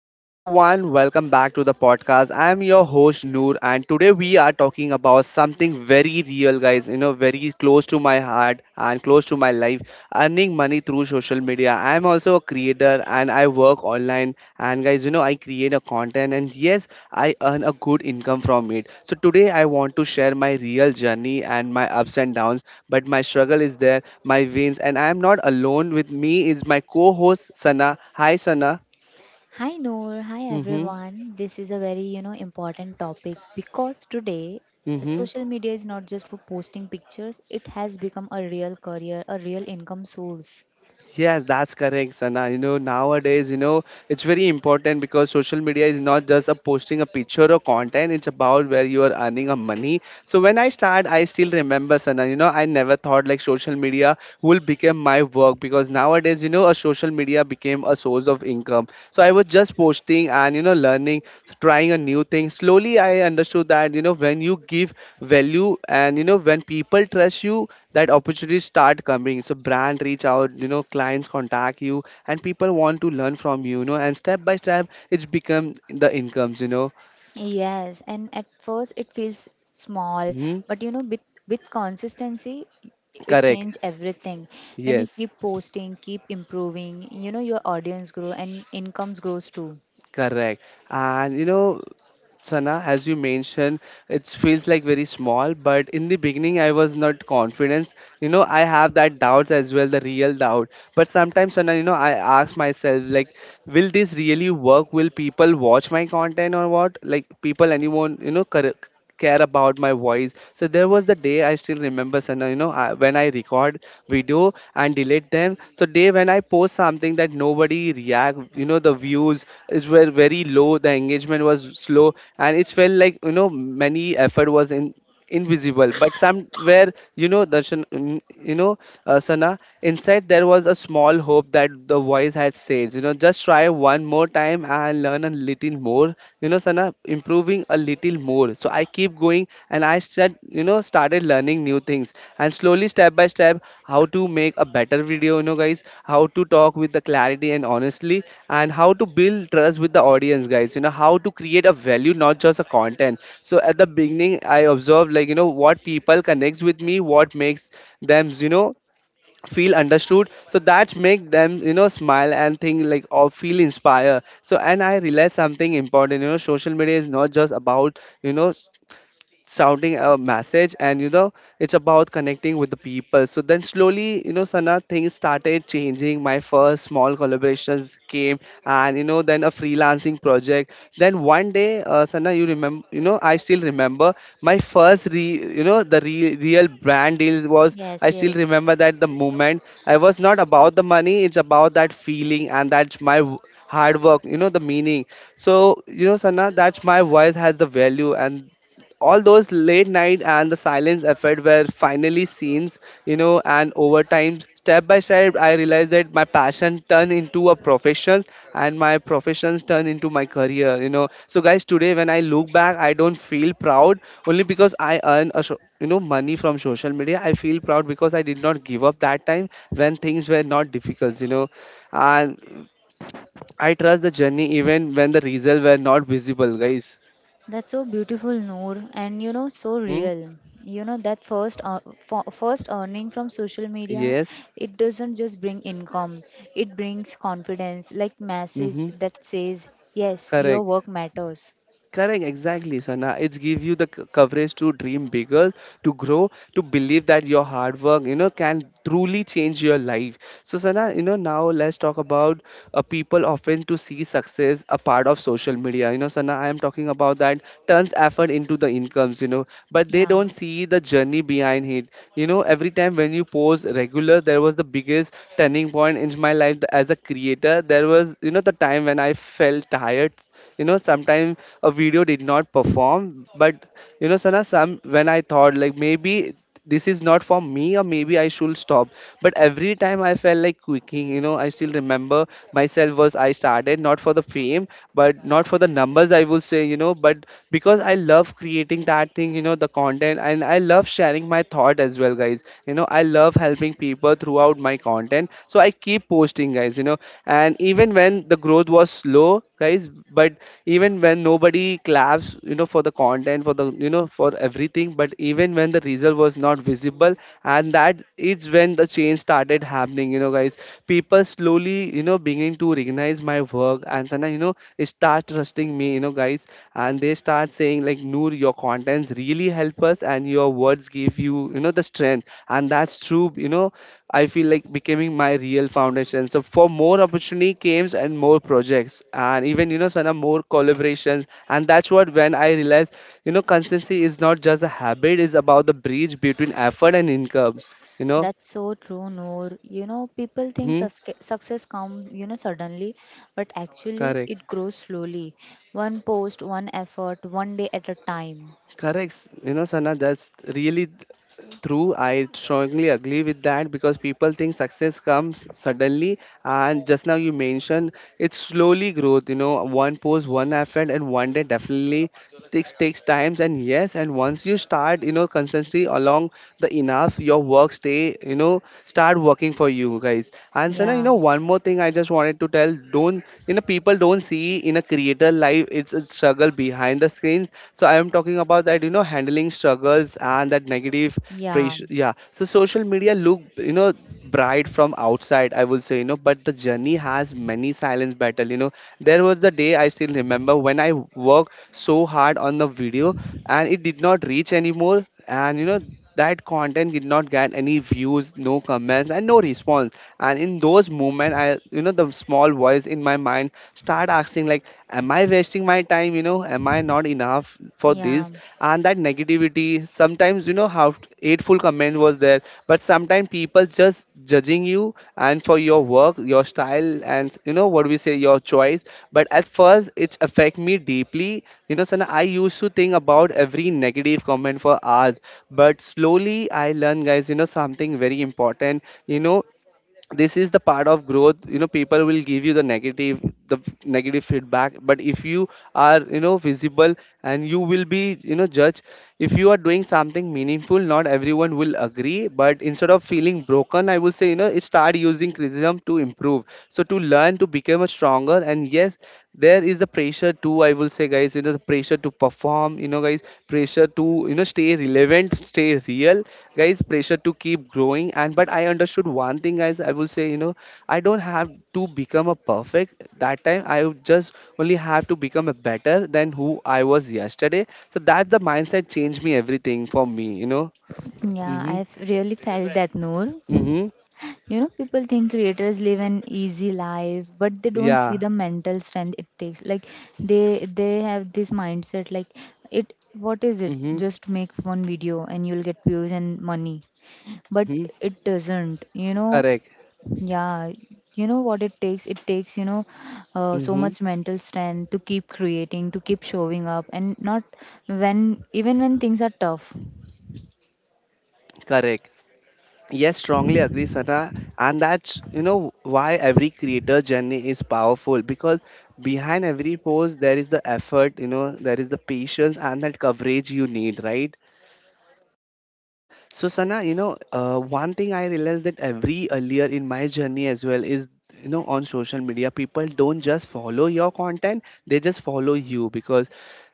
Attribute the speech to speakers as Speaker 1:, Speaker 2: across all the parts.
Speaker 1: Hello everyone, welcome back to the podcast. I am your host Noor, and today we are talking about something very real, guys, you know, very close to my heart and close to my life: earning money through social media. I am also a creator and I work online, and guys, you know, I create a content, and yes, I earn a good income from it. So today I want to share my real journey and my ups and downs, but my struggle is there, my wins, and I am not alone. With me is my co-host Sana. Hi Sana.
Speaker 2: Hi Noor, hi
Speaker 1: Mhm.
Speaker 2: everyone. This is a very, important topic because today
Speaker 1: Mm-hmm.
Speaker 2: social media is not just for posting pictures, it has become a real career, a real income source.
Speaker 1: Yes, that's correct, Sana. You know, nowadays, you know, it's very important because social media is not just a posting a picture or content, it's about where you are earning a money. So when I start, I still remember, Sana, you know, I never thought like social media will become my work because nowadays, you know, a social media became a source of income. So I was just posting and, you know, learning, so trying a new thing. Slowly, I understood that, you know, when you give value and, you know, when people trust you, that opportunities start coming. So brand reach out, you know, clients contact you, and people want to learn from you, you know, and step by step it's become the incomes, you know.
Speaker 2: Yes, and at first it feels small,
Speaker 1: Mm-hmm.
Speaker 2: but with consistency it
Speaker 1: Correct.
Speaker 2: changes everything. When you
Speaker 1: Yes.
Speaker 2: keep posting, keep improving, your audience grow and incomes grows too.
Speaker 1: Correct. And you know, Sana, as you mentioned, it feels like very small, but in the beginning I was not confident. You know, I have that doubts as well, the real doubt. But sometimes, Sana, you know, I ask myself like, will this really work? Will people watch my content? Or what, like people, anyone, you know, care, care about my voice? So there was the day, I still remember, Sana, you know, when I record video and delete them. So day when I post something that nobody react, you know, the views is were very low, the engagement was slow, and it felt like, you know, many effort was in invisible. But somewhere, you know, darshan, you know, Sana, inside there was a small hope that the voice had said, you know, just try one more time and learn a little more, you know, Sana, improving a little more. So I keep going, and I start, you know, started learning new things, and slowly step by step how to make a better video, you know, guys, how to talk with the clarity and honestly, and how to build trust with the audience, guys, you know, how to create a value, not just a content. So at the beginning I observed, like, you know, what people connects with me, what makes them, you know, feel understood, so that make them, you know, smile and think like or feel inspired. So, and I realized something important, you know, social media is not just about, you know, sounding a message, and, you know, it's about connecting with the people. So then slowly, you know, Sana, things started changing. My first small collaborations came, and, you know, then a freelancing project, then one day, Sana, you remember, you know, I still remember my first you know, the real brand deal was, I
Speaker 2: Yes,
Speaker 1: still
Speaker 2: yes.
Speaker 1: remember that the moment, i- was not about the money, it's about that feeling, and that's my hard work, you know, the meaning. So you know, Sana, that's my voice has the value, and all those late night and the silence effort were finally scenes, you know. And over time, step by step, I realized that my passion turned into a profession, and my professions turned into my career, you know. So, guys, today when I look back, I don't feel proud only because I earn a you know money from social media. I feel proud because I did not give up that time when things were not difficult, you know, and I trust the journey even when the results were not visible, guys.
Speaker 2: That's so beautiful, Noor, and so
Speaker 1: Mhm.
Speaker 2: real. That first earning from social media,
Speaker 1: Yes.
Speaker 2: it doesn't just bring income, it brings confidence, like message
Speaker 1: Mm-hmm.
Speaker 2: that says, yes, your
Speaker 1: Correct.
Speaker 2: work matters.
Speaker 1: Correct. Exactly, Sana. It's give you the coverage to dream bigger, to grow, to believe that your hard work, you know, can truly change your life. So, Sana, you know, now let's talk about, people often to see success a part of social media. You know, Sana, I am talking about that turns effort into the incomes, you know, but they
Speaker 2: Yeah,
Speaker 1: don't see the journey behind it. You know, every time when you post regular, there was the biggest turning point in my life as a creator. There was, you know, the time when I felt tired, you know, sometimes a video did not perform, but, you know, Sana, some when I thought like maybe this is not for me or maybe I should stop. But every time I felt like quitting, you know, I still remember myself was I started not for the fame, but not for the numbers, I will say, you know, but because I love creating that thing, you know, the content, and I love sharing my thought as well, guys, you know, I love helping people throughout my content. So I keep posting, guys, you know, and even when the growth was slow, guys, but even when nobody claps, you know, for the content, for the, you know, for everything, but even when the result was not visible, and that is when the change started happening, you know, guys. People slowly, you know, beginning to recognize my work, and Sana, you know, start trusting me, you know, guys, and they start saying like, Noor, your contents really help us, and your words give you, you know, the strength, and that's true, you know. I feel like becoming my real foundation. So for more opportunity games and more projects and even, you know, Sana, more collaborations. And that's what when I realized, you know, consistency is not just a habit, it's about the bridge between effort and income. You know?
Speaker 2: that's so true, Noor. People think
Speaker 1: Mm-hmm.
Speaker 2: success comes, suddenly, but actually
Speaker 1: Correct.
Speaker 2: it grows slowly. One post, one effort, one day at a time.
Speaker 1: Correct. You know, Sana, that's really true. I strongly agree with that because people think success comes suddenly. And just now you mentioned it's slowly growth, you know, one post, one effort, and one day, definitely takes times. And yes, and once you start, you know, consistency along the enough, your work stay, you know, start working for you, guys. And Sana, you
Speaker 2: Yeah,
Speaker 1: know, one more thing I just wanted to tell: don't, you know, people don't see in a creator life, it's a struggle behind the screens means. So I am talking about that, you know, handling struggles and that negative
Speaker 2: yeah,
Speaker 1: pressure. Yeah, so social media look, you know, bright from outside, I would say, you know, but the journey has many silence battle, you know. There was the day, I still remember, when I worked so hard on the video, and it did not reach anymore, and, you know, that content did not get any views, no comments, and no response. And in those moments, I, you know, the small voice in my mind start asking like, am I wasting my time, you know, am I not enough for
Speaker 2: yeah.
Speaker 1: this? And that negativity, sometimes, you know, how hateful comment was there, but sometimes people just judging you and for your work, your style, and, you know, what we say, your choice. But at first it affect me deeply, you know, Sana, I used to think about every negative comment for hours. But slowly I learned, guys, you know, something very important. You know, this is the part of growth. You know, people will give you the negative, the negative feedback. But if you are, you know, visible, and you will be, you know, judged, if you are doing something meaningful, not everyone will agree. But instead of feeling broken, I will say, you know, start using criticism to improve. So to learn, to become a stronger. And yes, there is the pressure too, I will say, guys, you know, the pressure to perform, you know, guys, pressure to, you know, stay relevant, stay real, guys, pressure to keep growing. And but I understood one thing, guys, I will say, you know, I don't have to become a perfect. That time I would just only have to become a better than who I was yesterday. So that's the mindset changed me everything for me, you know.
Speaker 2: Yeah,
Speaker 1: Mm-hmm.
Speaker 2: I've really felt like, that, Noor.
Speaker 1: Mm-hmm.
Speaker 2: People think creators live an easy life, but they don't see
Speaker 1: Yeah.
Speaker 2: the mental strength it takes. Like they have this mindset like it what is it?
Speaker 1: Mm-hmm.
Speaker 2: Just make one video and you'll get views and money. But
Speaker 1: Mm-hmm.
Speaker 2: it doesn't. You know,
Speaker 1: Correct.
Speaker 2: yeah, you know what it takes? It takes, so
Speaker 1: Mm-hmm.
Speaker 2: much mental strength to keep creating, to keep showing up and not when even when things are tough.
Speaker 1: Correct. Yes, strongly agree, Sana. And that's, you know, why every creator journey is powerful, because behind every post, there is the effort, you know, there is the patience, and that coverage you need, right? So Sana, you know, one thing I realized that every earlier in my journey as well is, you know, on social media, people don't just follow your content; they just follow you because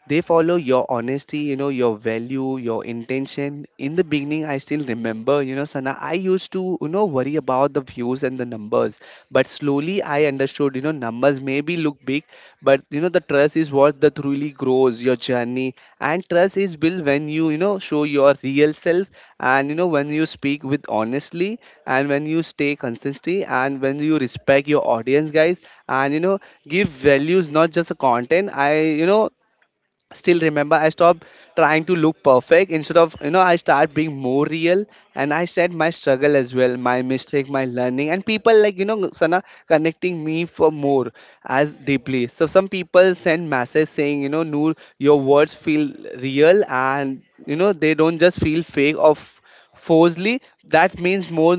Speaker 1: they follow your honesty, you know, your value, your intention. In the beginning, I still remember, you know, Sana, I used to, you know, worry about the views and the numbers, but slowly I understood, you know, numbers maybe look big, but you know the trust is what that really grows your journey and trust is built when you know show your real self and you know when you speak with honestly and when you stay consistently and when you respect your audience guys and you know give values not just a content I still remember I stopped trying to look perfect instead of you know I start being more real and I said my struggle as well, my mistake, my learning, and people like, you know, Sana, connecting me for more as deeply. So some people send message saying, you know, Noor, your words feel real and you know they don't just feel fake of forcefully. That means more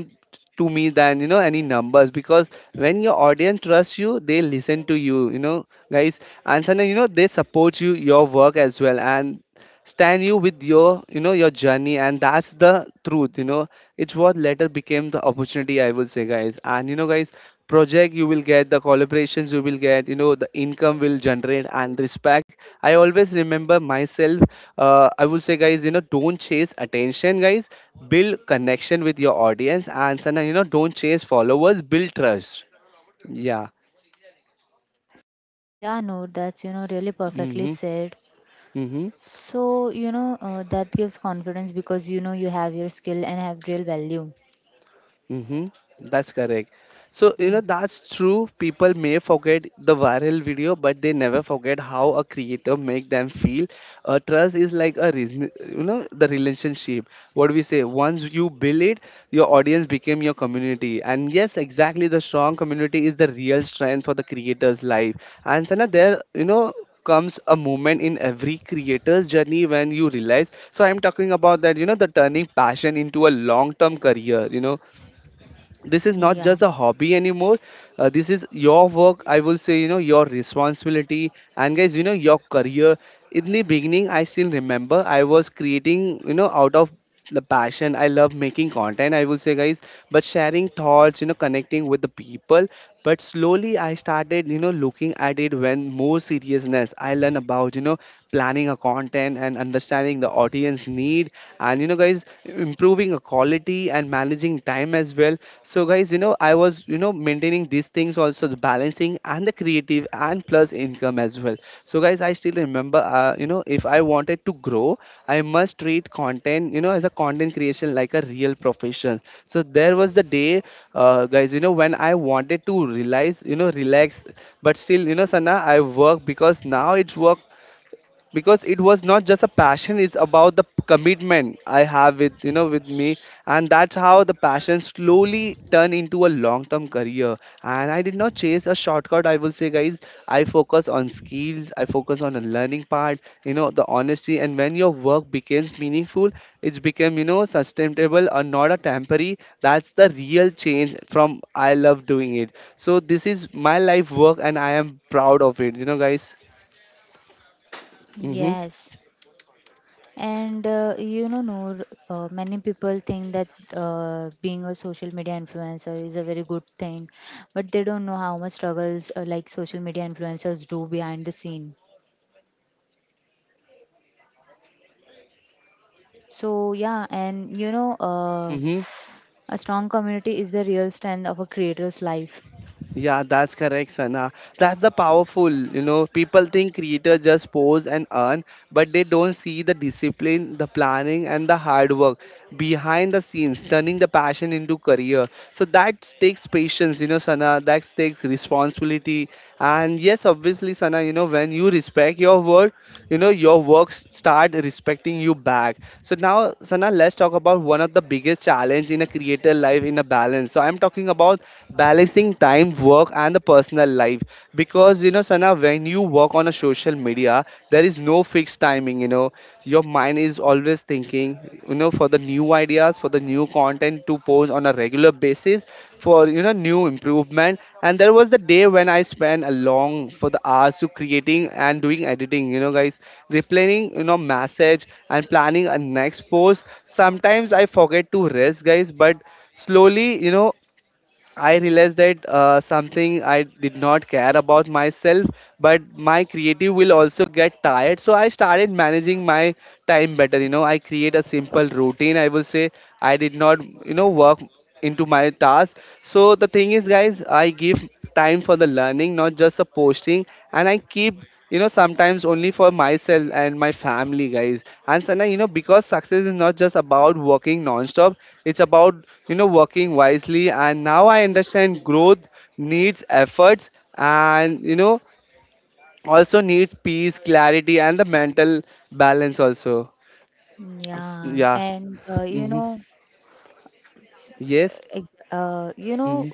Speaker 1: to me than you know any numbers, because when your audience trusts you, they listen to you, you know, guys, and suddenly you know they support you, your work as well, and stand you with your, you know, your journey. And that's the truth, you know, it's what later became the opportunity, I would say, guys, and you know guys project you will get, the collaborations you will get, you know the income will generate, and respect. I always remember myself. I will say, guys, you know, don't chase attention, guys, build connection with your audience. And sometimes, you know, don't chase followers, build trust. Yeah.
Speaker 2: Yeah, no, that's, really perfectly
Speaker 1: Mm-hmm.
Speaker 2: said.
Speaker 1: Mm-hmm.
Speaker 2: So, that gives confidence because you know you have your skill and have real value.
Speaker 1: Mm-hmm. That's correct. So, you know,
Speaker 2: Yeah.
Speaker 1: that's true. People may forget the viral video, but they never forget how a creator make them feel. Trust is like a reason, you know, the relationship. What we say, once you build it, your audience became your community. And yes, exactly, the strong community is the real strength for the creator's life. And Sana, there, you know, comes a moment in every creator's journey when you realize. So I'm talking about that, you know, the turning passion into a long term career, you know, this is not
Speaker 2: Yeah.
Speaker 1: just a hobby anymore. This is your work, I will say, you know, your responsibility, and guys, you know, your career. In the beginning, I still remember, I was creating, you know, out of the passion. I love making content, I will say, guys, but sharing thoughts, you know, connecting with the people. But slowly I started, you know, looking at it when more seriousness. I learned about, you know, planning a content and understanding the audience need, and you know guys improving a quality and managing time as well. So guys, you know, I was, you know, maintaining these things also, the balancing and the creative and plus income as well. So guys, I still remember, you know, if I wanted to grow, I must treat content, you know, as a content creation like a real profession. So there was the day, guys, you know, when I wanted to realize, you know, relax, but still, you know, Sana, I work because now it's work. Because it was not just a passion, it's about the commitment I have with, you know, with me. And that's how the passion slowly turned into a long term career. And I did not chase a shortcut, I will say, guys. I focus on skills, I focus on the learning part, you know, the honesty. And when your work becomes meaningful, it's become, you know, sustainable or not a temporary. That's the real change from I love doing it, so this is my life work and I am proud of it, you know, guys. Mm-hmm.
Speaker 2: Yes. And Noor, many people think that being a social media influencer is a very good thing, but they don't know how much struggles like social media influencers do behind the scene. So, yeah, and
Speaker 1: Mm-hmm.
Speaker 2: a strong community is the real strength of a creator's life.
Speaker 1: Yeah, that's correct, Sana. That's the powerful. You know, people think creators just pose and earn, but they don't see the discipline, the planning, and the hard work behind the scenes, turning the passion into career. So that takes patience, you know, Sana. That takes responsibility. And yes, obviously, Sana, you know, when you respect your word, you know, your works start respecting you back. So now, Sana, let's talk about one of the biggest challenge in a creator life in a balance. So I'm talking about balancing time, work, and the personal life. Because you know, Sana, when you work on a social media, there is no fixed timing, you know, your mind is always thinking, you know, for the new ideas, for the new content to post on a regular basis, for you know new improvement. And there was the day when I spent a long for the hours to creating and doing editing, you know, guys, replaying, you know, message and planning a next post. Sometimes I forget to rest, guys. But slowly, you know, I realized that, something I did not care about myself, but my creative will also get tired. So I started managing my time better. You know, I create a simple routine, I will say. I did not, you know, work into my task. So the thing is, guys, I give time for the learning, not just the posting, and I keep, you know, sometimes only for myself and my family, guys. And Sana, you know, because success is not just about working non-stop, it's about, you know, working wisely. And now I understand growth needs efforts, and you know, also needs peace, clarity, and the mental balance also.
Speaker 2: Yeah,
Speaker 1: Yeah.
Speaker 2: and
Speaker 1: Hmm. Yes.
Speaker 2: ex- uh, you know,
Speaker 1: Hmm.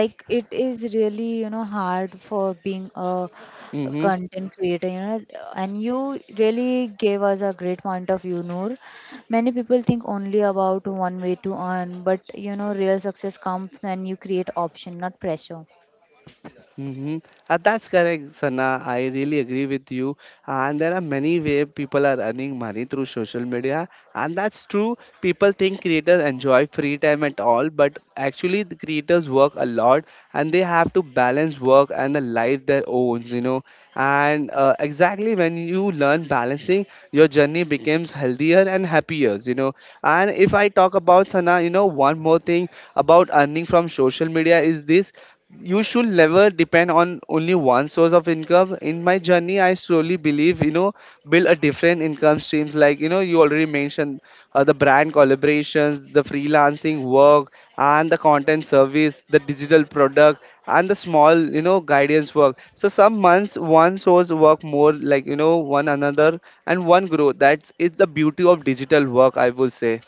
Speaker 2: like it is really, hard for being a
Speaker 1: Hmm.
Speaker 2: content creator, and you really gave us a great point of view, Noor. Many people think only about one way to earn, but real success comes when you create option, not pressure.
Speaker 1: Mm-hmm. That's correct, Sana. I really agree with you. And there are many ways people are earning money through social media. And that's true. People think creators enjoy free time at all, but actually the creators work a lot and they have to balance work and the life their own, you know. And exactly when you learn balancing, your journey becomes healthier and happier, you know. And if I talk about Sana, you know, one more thing about earning from social media is this: you should never depend on only one source of income. In my journey I slowly believe, you know, build a different income streams, like you know you already mentioned, the brand collaborations, the freelancing work, and the content service, the digital product, and the small, you know, guidance work. So some months one source work more like, you know, one another and one grow. That's it's the beauty of digital work, I will say.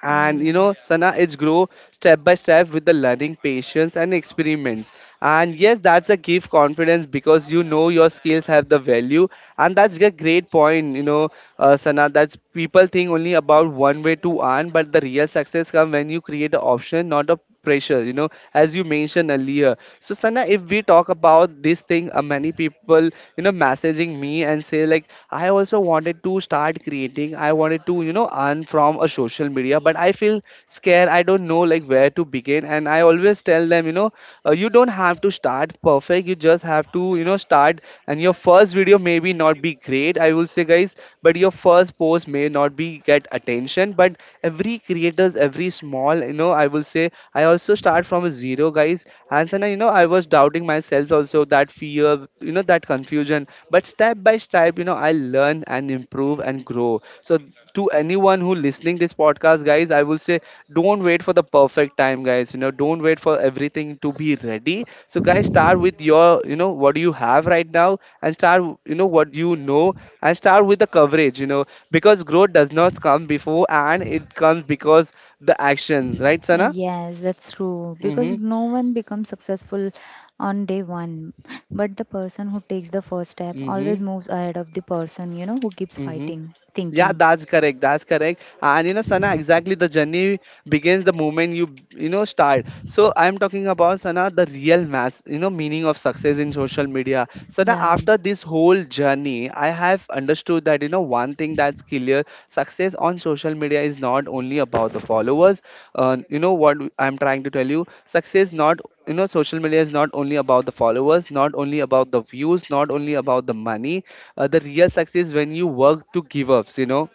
Speaker 1: And you
Speaker 2: Mm.
Speaker 1: know, Sana, it's grow step by step with the learning, patience, and experiments. And yes, that's a give confidence because you know your skills have the value. And that's a great point, you know, Sana, that's people think only about one way to earn, but the real success comes when you create an option, not a pressure, you know, as you mentioned earlier. So, Sana, if we talk about this thing, many people, you know, messaging me and say, like, I also wanted to start creating, I wanted to, you know, earn from a social media, but I feel scared, I don't know like where to begin. And I always tell them, you know, you don't have to start perfect, you just have to, you know, start. And your first video maybe not be great, I will say, guys, but your first post may not be get attention. But every creators, every small, you know, I will say, I also start from a zero, guys. And then, you know, I was doubting myself also, that fear, you know, that confusion, but step by step, you know, I learn and improve and grow. So to anyone who listening this podcast, guys, I will say, don't wait for the perfect time, guys, you know, don't wait for everything to be ready. So guys, start with your, you know, what you have right now. And start, you know, what you know. And start with the coverage, you know. Because growth does not come before and it comes because the actions, right, Sana?
Speaker 2: Yes, that's true. Because
Speaker 1: Mhm.
Speaker 2: no one becomes successful on day one. But the person who takes the first step always
Speaker 1: Mhm.
Speaker 2: moves ahead of the person, who keeps
Speaker 1: Mhm.
Speaker 2: fighting,
Speaker 1: Yeah,
Speaker 2: thinking.
Speaker 1: that's correct. That's correct. And you know, Sana, exactly the journey begins the moment you, you know, start. So I'm talking about, Sana, the real mass, you know, meaning of success in social media. Sana,
Speaker 2: Yeah.
Speaker 1: after this whole journey, I have understood that you know one thing that's clear: success on social media is not only about the followers. You know what I'm trying to tell you: success not you know social media is not only about the followers, not only about the views, not only about the money. The real success when you work to give ups, you know.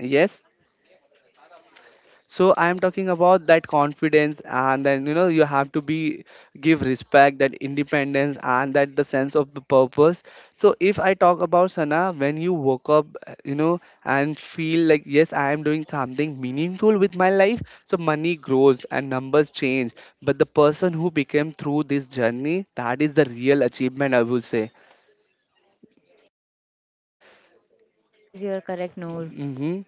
Speaker 1: Yes, so I am talking about that confidence, and then, you know, you have to be give respect, that independence and that the sense of the purpose. So if I talk about Sana, when you woke up, you know, and feel like yes, I am doing something meaningful with my life, so money grows and numbers change. But the person who became through this journey, that is the real achievement, I will say.
Speaker 2: Yes, you're correct, Noor.
Speaker 1: Hmm.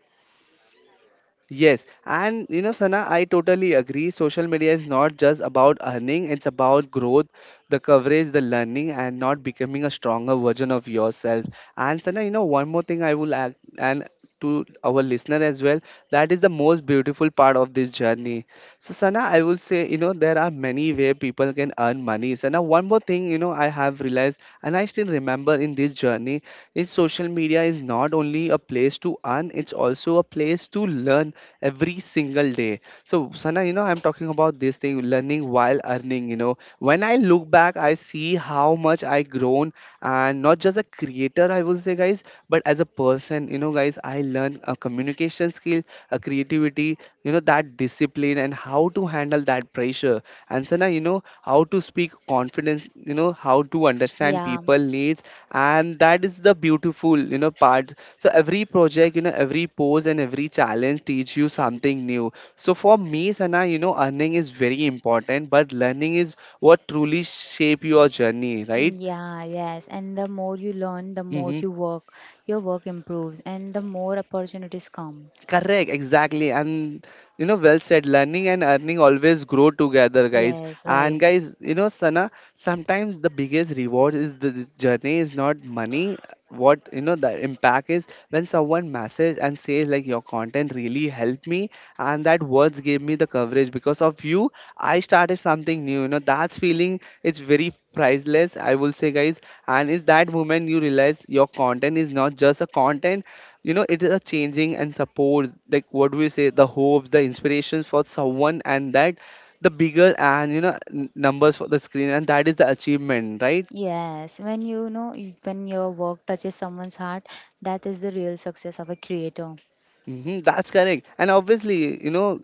Speaker 1: Yes, and you know, Sana, I totally agree. Social media is not just about earning, it's about growth, the coverage, the learning, and not becoming a stronger version of yourself. And Sana, you know, one more thing I will add, and to our listener as well, that is the most beautiful part of this journey. So, Sana, I will say, you know, there are many way people can earn money. Sana, one more thing, you know, I have realized, and I still remember in this journey is social media is not only a place to earn, it's also a place to learn every single day. So, Sana, you know, I'm talking about this thing, learning while earning. You know, when I look back, I see how much I grown, and not just a creator, I will say, guys, but as a person. You know, guys, I learned a communication skill, a creativity. You know, that discipline and how to handle that pressure. And Sana, you know, how to speak confidence. You know, how to understand
Speaker 2: Yeah.
Speaker 1: people needs, and that is the beautiful, you know, part. So every project, you know, every pose and every challenge teach you something new. So for me, Sana, you know, earning is very important, but learning is what truly shape your journey, right?
Speaker 2: Yeah, yes. And the more you learn, the more
Speaker 1: Mm-hmm.
Speaker 2: you work, your work improves, and the more opportunities comes.
Speaker 1: Correct, exactly. And you know, well said, learning and earning always grow together, guys.
Speaker 2: Yes, right.
Speaker 1: And guys, you know, Sana, sometimes the biggest reward is the this journey is not money. What you know, the impact is when someone message and says like your content really helped me, and that words gave me the coverage because of you. I started something new. You know, that's feeling it's very priceless. I will say, guys, and is that moment you realize your content is not just a content, you know, it is a changing and supports, like what do we say, the hopes, the inspirations for someone, and that the bigger, and you know, numbers for the screen, and that is the achievement, right?
Speaker 2: Yes, when your work touches someone's heart, that is the real success of a creator.
Speaker 1: Hmm, that's correct. And obviously, you know,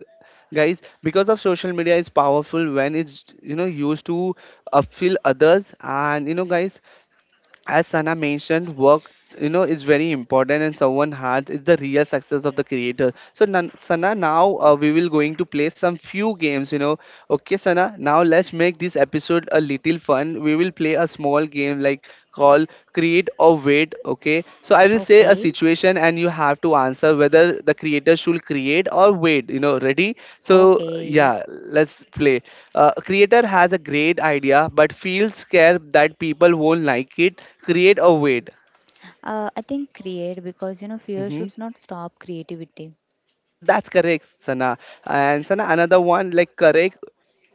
Speaker 1: guys, because of social media is powerful when it's, you know, used to upfill others, and you know, guys, as Sana mentioned, work, you know, is very important, and someone's heart is the real success of the creator. So Sana, now we will going to play some few games. You know, okay, Sana. Now let's make this episode a little fun. We will play a small game like call create or wait. Okay, so I will say a
Speaker 2: Okay.
Speaker 1: situation and you have to answer whether the creator should create or wait. You know, ready? So
Speaker 2: Okay.
Speaker 1: yeah, let's play. A creator has a great idea but feels scared that people won't like it. Create a wait.
Speaker 2: I think create because you know fear
Speaker 1: Hmm.
Speaker 2: should not stop creativity.
Speaker 1: Yeah, that's correct, Sana. And Sana, another one like correct.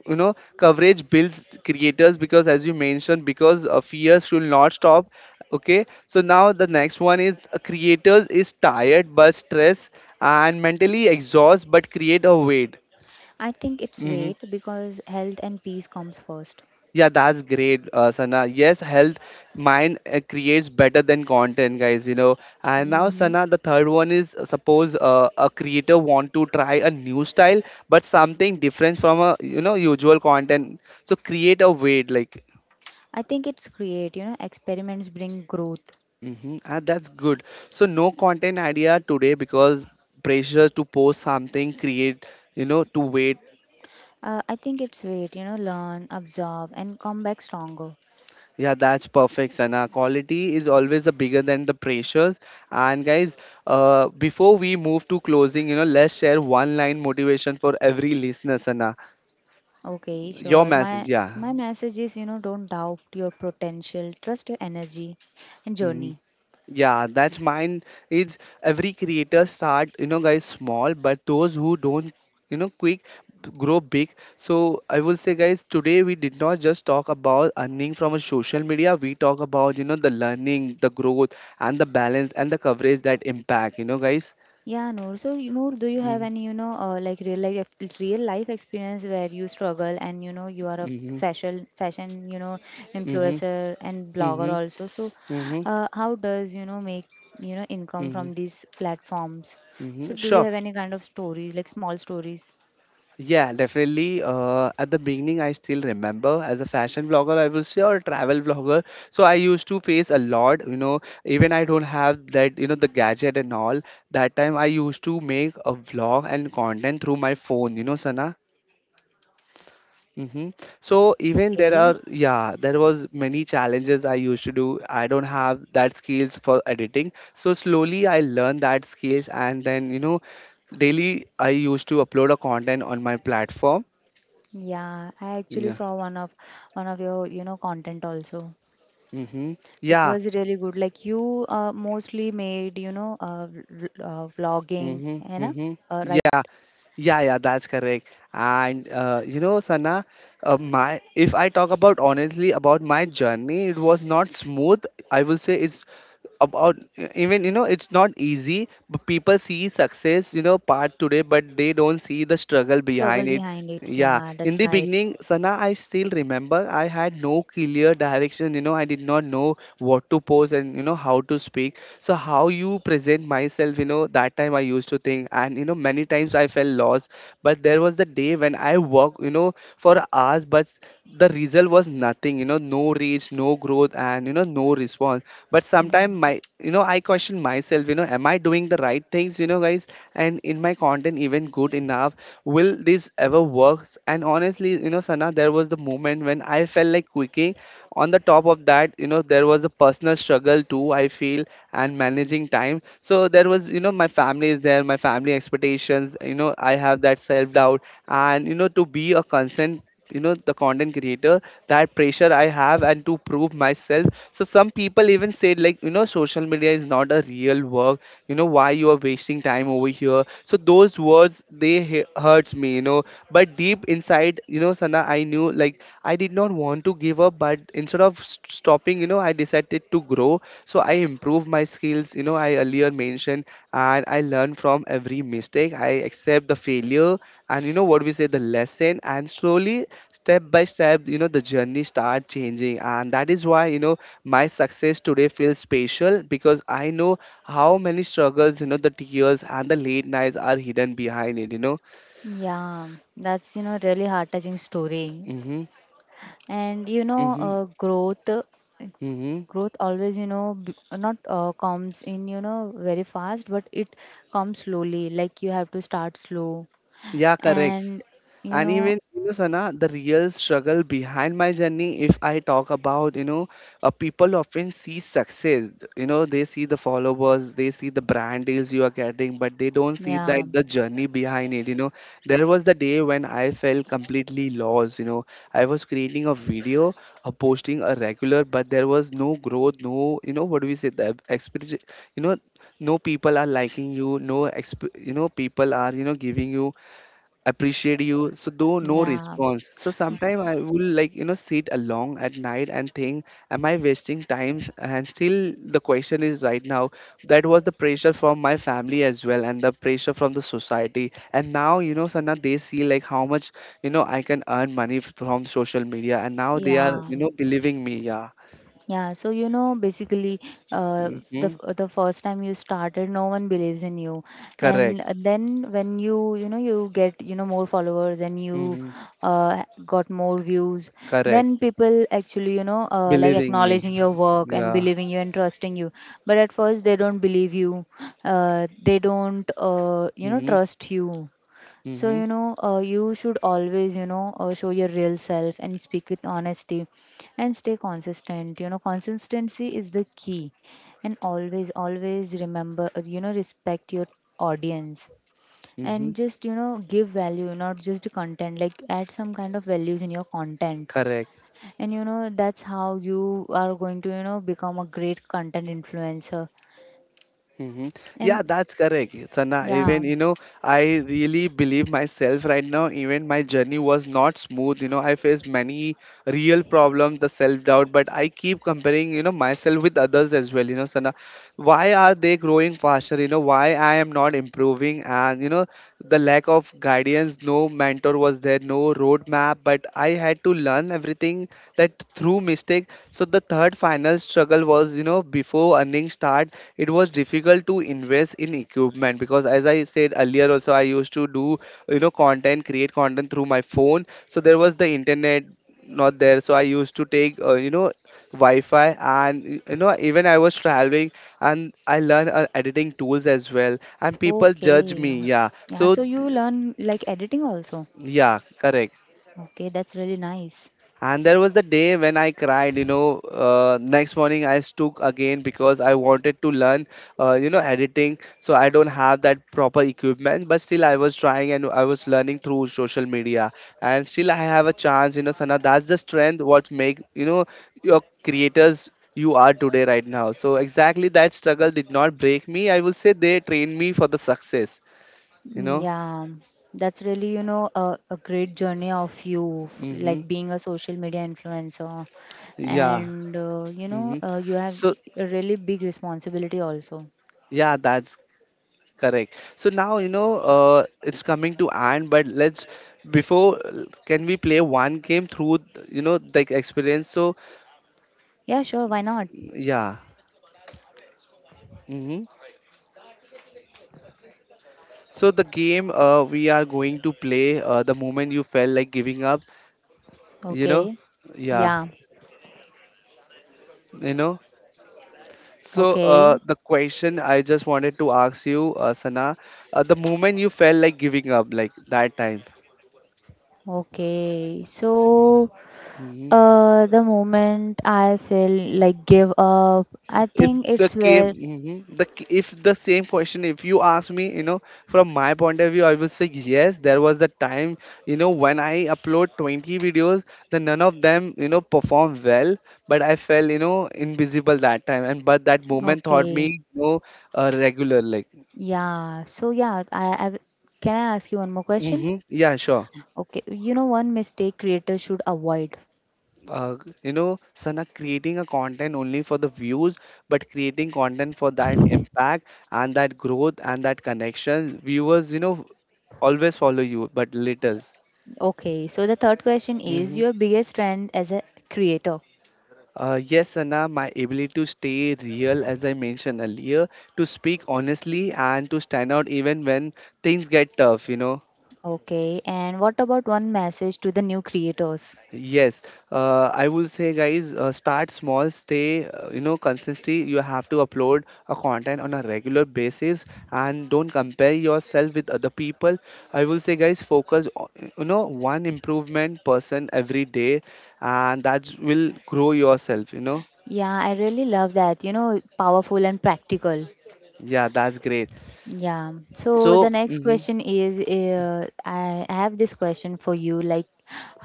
Speaker 1: You know, coverage builds creators because, as you mentioned, because fears should not stop. Okay, so now the next one is, creators is tired but stressed and mentally exhausted but create a weight.
Speaker 2: I think it's wait because health and peace comes first.
Speaker 1: Yeah, that's great, Sana. Yes, health mind creates better than content, guys. You know. And now,
Speaker 2: Mm-hmm.
Speaker 1: Sana, the third one is, suppose a creator want to try a new style, but something different from a you know usual content. So create a way like.
Speaker 2: I think it's create, experiments bring growth.
Speaker 1: Mm-hmm. Ah, that's good. So no content idea today because pressure to post something create, you know, to wait.
Speaker 2: I think it's wait, learn, absorb, and come back stronger.
Speaker 1: Yeah, that's perfect, Sana. Quality is always the bigger than the pressures. And guys, before we move to closing, you know, let's share one line motivation for every listener, Sana.
Speaker 2: Okay,
Speaker 1: Your
Speaker 2: sure. My
Speaker 1: message, yeah.
Speaker 2: my message is, don't doubt your potential, trust your energy and
Speaker 1: Mm-hmm.
Speaker 2: journey.
Speaker 1: Yeah, that's mine. Is every creator start, you know, guys, small, but those who don't, you know, quick grow big. So I will say, guys, today we did not just talk about earning from a social media. We talk about, you know, the learning, the growth, and the balance and the coverage that impact. You know, guys.
Speaker 2: Yeah, Noor. So, Noor, do you have
Speaker 1: Mm-hmm.
Speaker 2: any, like real life, real life experience where you struggle and you know you are a
Speaker 1: Mm-hmm.
Speaker 2: fashion influencer and blogger
Speaker 1: Mm-hmm. Mm-hmm.
Speaker 2: also. So,
Speaker 1: Mm-hmm.
Speaker 2: how does make income from these platforms?
Speaker 1: Mm-hmm.
Speaker 2: So, do you
Speaker 1: Sure.
Speaker 2: have any kind of stories, like small stories?
Speaker 1: Yeah, definitely. At the beginning, I still remember as a fashion vlogger, I will say, or travel vlogger. So I used to face a lot, you know, even I don't have that, you know, the gadget and all. That time I used to make a vlog and content through my phone, you know, Sana. Mm-hmm. So even there
Speaker 2: Okay.
Speaker 1: are, yeah, there was many challenges I used to do. I don't have that skills for editing. So slowly I learned that skills and then, you know, daily I used to upload a content on my platform.
Speaker 2: Yeah, I actually
Speaker 1: Yeah.
Speaker 2: saw one of your, content also.
Speaker 1: Mm-hmm.
Speaker 2: It
Speaker 1: Yeah.
Speaker 2: was really good. Like you mostly made, vlogging,
Speaker 1: Mm-hmm.
Speaker 2: you know,
Speaker 1: Mm-hmm.
Speaker 2: right?
Speaker 1: Yeah. Yeah, yeah, that's correct. And you know, Sana, my if I talk about honestly about my journey, it was not smooth. I will say it's about, even you know, it's not easy, but people see success, you know, part today, but they don't see the struggle
Speaker 2: Struggle
Speaker 1: behind it.
Speaker 2: behind it.
Speaker 1: Yeah,
Speaker 2: Yeah,
Speaker 1: in
Speaker 2: that's
Speaker 1: the
Speaker 2: right.
Speaker 1: beginning, Sana, I still remember, I had no clear direction, you know, I did not know what to post, and you know, how to speak, so how you present myself, you know, that time I used to think, and you know, many times I felt lost. But there was the day when I worked, you know, for hours, but the result was nothing, you know, no reach, no growth, and you know, no response. But sometimes
Speaker 2: Mm.
Speaker 1: my, you know, I question myself, you know, am I doing the right things, you know, guys, and in my content even good enough, will this ever work? And honestly, you know, Sana, there was the moment when I felt like quicking. On the top of that, you know, there was a personal struggle too, I feel, and managing time. So there was, you know, my family is there, my family expectations, you know, I have that self doubt, and you know, to be a constant, you know, the content creator, that pressure I have, and to prove myself. So some people even said like, you know, social media is not a real work, you know, why you are wasting time over here. So those words they hurts me, you know. But deep inside, you know, Sana, I knew like I did not want to give up, but instead of stopping, you know, I decided to grow. So I improved my skills, you know, I earlier mentioned, and I learned from every mistake, I accept the failure, and you know, what we say, the lesson, and slowly, step by step, you know, the journey start changing, and that is why, you know, my success today feels special, because I know how many struggles, you know, the tears and the late nights are hidden behind it, you know.
Speaker 2: Yeah, that's, really heart-touching story.
Speaker 1: Mm-hmm,
Speaker 2: And,
Speaker 1: mm-hmm,
Speaker 2: growth, uh,
Speaker 1: mm-hmm.
Speaker 2: growth always, you know, b not comes in, very fast, but it comes slowly. Like you have to start slow.
Speaker 1: Yeah, correct.
Speaker 2: And, you
Speaker 1: And
Speaker 2: know,
Speaker 1: even, you know, Sana, the real struggle behind my journey, if I talk about, you know, people often see success. You know, they see the followers, they see the brand deals you are getting, but they don't see
Speaker 2: yeah,
Speaker 1: that the journey behind it. You know, there was the day when I felt completely lost. You know, I was creating a video, posting a regular, but there was no growth, no, you know, what do we say, the experience, you know, no people are liking you, no, you know, people are, you know, giving you appreciate you, so though no
Speaker 2: yeah,
Speaker 1: response. So sometime I will like, you know, sit along at night and think, am I wasting time, and still the question is right now. That was the pressure from my family as well, and the pressure from the society, and now you know, Sana, they see like how much, you know, I can earn money from social media, and now they are,
Speaker 2: yeah.
Speaker 1: you know, believing me. Yeah.
Speaker 2: Yeah, so basically, uh,
Speaker 1: Hmm.
Speaker 2: the first time you started, no one believes in you, and
Speaker 1: Correct.
Speaker 2: then when you get more followers and you
Speaker 1: Hmm.
Speaker 2: got more views,
Speaker 1: Correct.
Speaker 2: then people actually like
Speaker 1: Believing me.
Speaker 2: acknowledging your work and
Speaker 1: Yeah.
Speaker 2: believing you and trusting you. But at first, they don't believe you. They don't
Speaker 1: Hmm.
Speaker 2: trust you so,
Speaker 1: Hmm.
Speaker 2: you should always, show your real self and speak with honesty and stay consistent. Consistency is the key. And always, always remember, respect your audience
Speaker 1: Hmm.
Speaker 2: and just, give value, not just content, like add some kind of values in your content.
Speaker 1: Correct.
Speaker 2: And, that's how you are going to, become a great content influencer.
Speaker 1: Hmm. Yeah,
Speaker 2: And
Speaker 1: that's correct, Sana.
Speaker 2: yeah,
Speaker 1: Even you know, I really believe myself right now. Even my journey was not smooth. You know, I faced many real problems, the self doubt, but I keep comparing, you know, myself with others as well. You know, Sana, why are they growing faster, you know, why I am not improving, and you know, the lack of guidance, no mentor was there, no roadmap, but I had to learn everything that through mistake. So the third final struggle was, you know, before earning start, it was difficult to invest in equipment, because as I said earlier also, I used to do, you know, content create content through my phone, so there was the internet not there. So I used to take, you know, wi-fi, and you know, even I was traveling, and I learn editing tools as well. And people judge
Speaker 2: okay.
Speaker 1: me. Yeah.
Speaker 2: Yeah,
Speaker 1: So
Speaker 2: so you learn like editing also.
Speaker 1: yeah, correct.
Speaker 2: Okay, that's really nice.
Speaker 1: And there was the day when I cried, you know. Next morning, I took again because I wanted to learn, editing. So I don't have that proper equipment, but still, I was trying and I was learning through social media. And still, I have a chance, you know, Sana. That's the strength what make, your creators you are today right now. So exactly that struggle did not break me. I will say they trained me for the success, you
Speaker 2: Mm,
Speaker 1: know.
Speaker 2: yeah, that's really, a great journey of you,
Speaker 1: Mm-hmm.
Speaker 2: like being a social media influencer.
Speaker 1: Yeah.
Speaker 2: And,
Speaker 1: Mm-hmm.
Speaker 2: you have
Speaker 1: So
Speaker 2: a really big responsibility also.
Speaker 1: yeah, that's correct. So now, it's coming to end, but let's before can we play one game through, you know, the experience? So
Speaker 2: Yeah, sure, why not?
Speaker 1: yeah. Hmm. So the game we are going to play the moment you felt like giving up, you know,
Speaker 2: Okay.
Speaker 1: yeah,
Speaker 2: Yeah.
Speaker 1: you know. So
Speaker 2: Okay.
Speaker 1: the question I just wanted to ask you, Sana, the moment you felt like giving up, like that time.
Speaker 2: Okay. So,
Speaker 1: Mm-hmm.
Speaker 2: the moment I feel like give up, I
Speaker 1: it
Speaker 2: think
Speaker 1: the
Speaker 2: it's
Speaker 1: came
Speaker 2: where,
Speaker 1: mhm, the k- If the same question, if you ask me, you know, from my point of view, I will say yes, there was the time, you know, when I upload 20 videos, then none of them, you know, perform well, but I felt, you know, invisible that time. And but that moment taught me,
Speaker 2: okay.
Speaker 1: you know, regular like.
Speaker 2: Yeah, so yeah, can I ask you one more question?
Speaker 1: Hmm, yeah, sure.
Speaker 2: Okay, you know one mistake creators should avoid.
Speaker 1: uh, Sana, creating a content only for the views, but creating content for that impact and that growth and that connection. Viewers, you know, always follow you, but little.
Speaker 2: Okay, so the third question is
Speaker 1: Hmm.
Speaker 2: your biggest trend as a creator.
Speaker 1: Yes, Sana, my ability to stay real, as I mentioned earlier, to speak honestly and to stand out even when things get tough, you know.
Speaker 2: Okay, and what about one message to the new creators?
Speaker 1: Yes, I will say, guys, start small, stay, consistency. You have to upload a content on a regular basis and don't compare yourself with other people. I will say, guys, focus, on, you know, one improvement person every day, and that will grow yourself, you know.
Speaker 2: Yeah, I really love that. Powerful and practical.
Speaker 1: Yeah, that's great.
Speaker 2: Yeah. So the
Speaker 1: So,
Speaker 2: next
Speaker 1: hmm,
Speaker 2: question is, I have this question for you, like,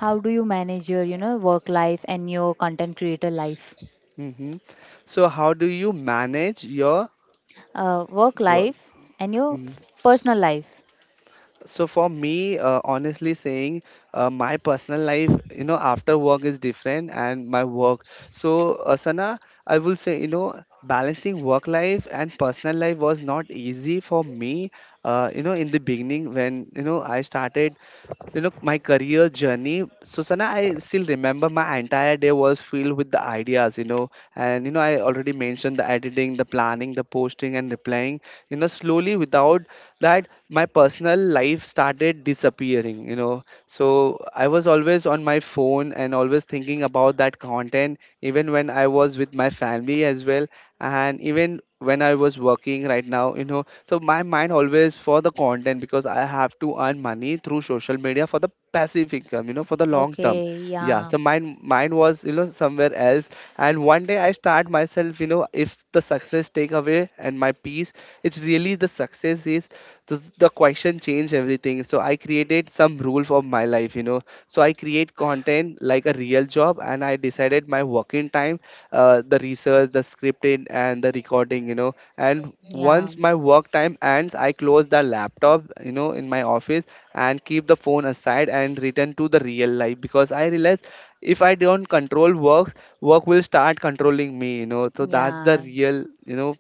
Speaker 2: how do you manage your, work life and your content creator life?
Speaker 1: hmm. So, how do you manage your
Speaker 2: Work
Speaker 1: work?
Speaker 2: life and your
Speaker 1: Mm-hmm.
Speaker 2: personal life.
Speaker 1: So for me, honestly saying, my personal life, you know, after work is different and my work. So Sana, I will say, you know, balancing work life and personal life was not easy for me. In the beginning when you know I started, you know, my career journey, Susanna, I still remember my entire day was filled with the ideas, you know. And, you know, I already mentioned the editing, the planning, the posting, and replying. You know, slowly without that, my personal life started disappearing, you know. So I was always on my phone and always thinking about that content, even when I was with my family as well, and even when I was working right now, you know. So my mind always for the content, because I have to earn money through social media for the passive income, you know, for the long term.
Speaker 2: Okay,
Speaker 1: Yeah,
Speaker 2: yeah,
Speaker 1: so mine was, you know, somewhere else. And one day I start myself, you know, if the success take away and my peace, it's really the success is the question, change everything. So I created some rule for my life, you know. So I create content like a real job and I decided my working time, the research, the scripting, and the recording, you know. And
Speaker 2: yeah,
Speaker 1: once my work time ends, I close the laptop, you know, in my office, and keep the phone aside and return to the real life, because I realize if I don't control work, work will start controlling me, you know. So that's the
Speaker 2: yeah.
Speaker 1: real, you know,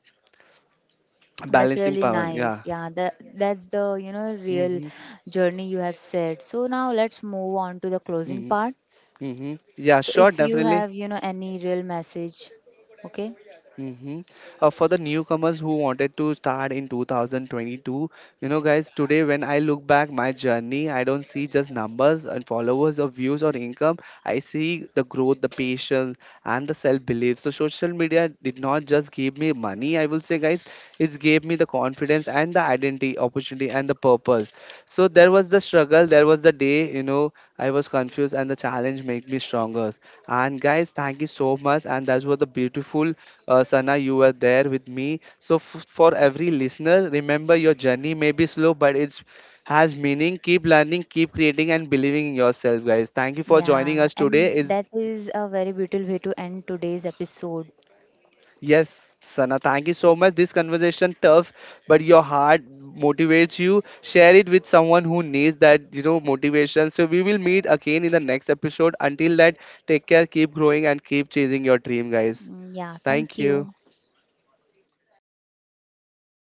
Speaker 2: That's
Speaker 1: balancing
Speaker 2: really
Speaker 1: power.
Speaker 2: nice.
Speaker 1: Yeah.
Speaker 2: Yeah, that's the real
Speaker 1: Mm-hmm.
Speaker 2: journey you have said. So now let's move on to the closing
Speaker 1: Mm-hmm.
Speaker 2: part.
Speaker 1: Mm-hmm. Yeah,
Speaker 2: So
Speaker 1: sure,
Speaker 2: if you
Speaker 1: definitely.
Speaker 2: have any real message, okay,
Speaker 1: Mm-hmm. For the newcomers who wanted to start in 2022, you know, guys, today when I look back my journey, I don't see just numbers and followers or views or income. I see the growth, the patience, and the self-belief. So social media did not just give me money. I will say, guys, it gave me the confidence and the identity, opportunity, and the purpose. So there was the struggle, there was the day, you know, I was confused and the challenge made me stronger. And guys, thank you so much. And that was the beautiful, Sana, you were there with me. So for every listener, remember your journey may be slow, but it's has meaning. Keep learning, keep creating, and believing in yourself, guys. Thank you for joining
Speaker 2: yeah,
Speaker 1: us today.
Speaker 2: and
Speaker 1: It's
Speaker 2: that is a very beautiful way to end today's episode.
Speaker 1: yes, Sana, thank you so much. This conversation tough, but your heart motivates you. Share it with someone who needs that, you know, motivation. So we will meet again in the next episode. Until that, take care, keep growing, and keep chasing your dream, guys.
Speaker 2: Mm, yeah, thank
Speaker 1: Thank you.
Speaker 2: you.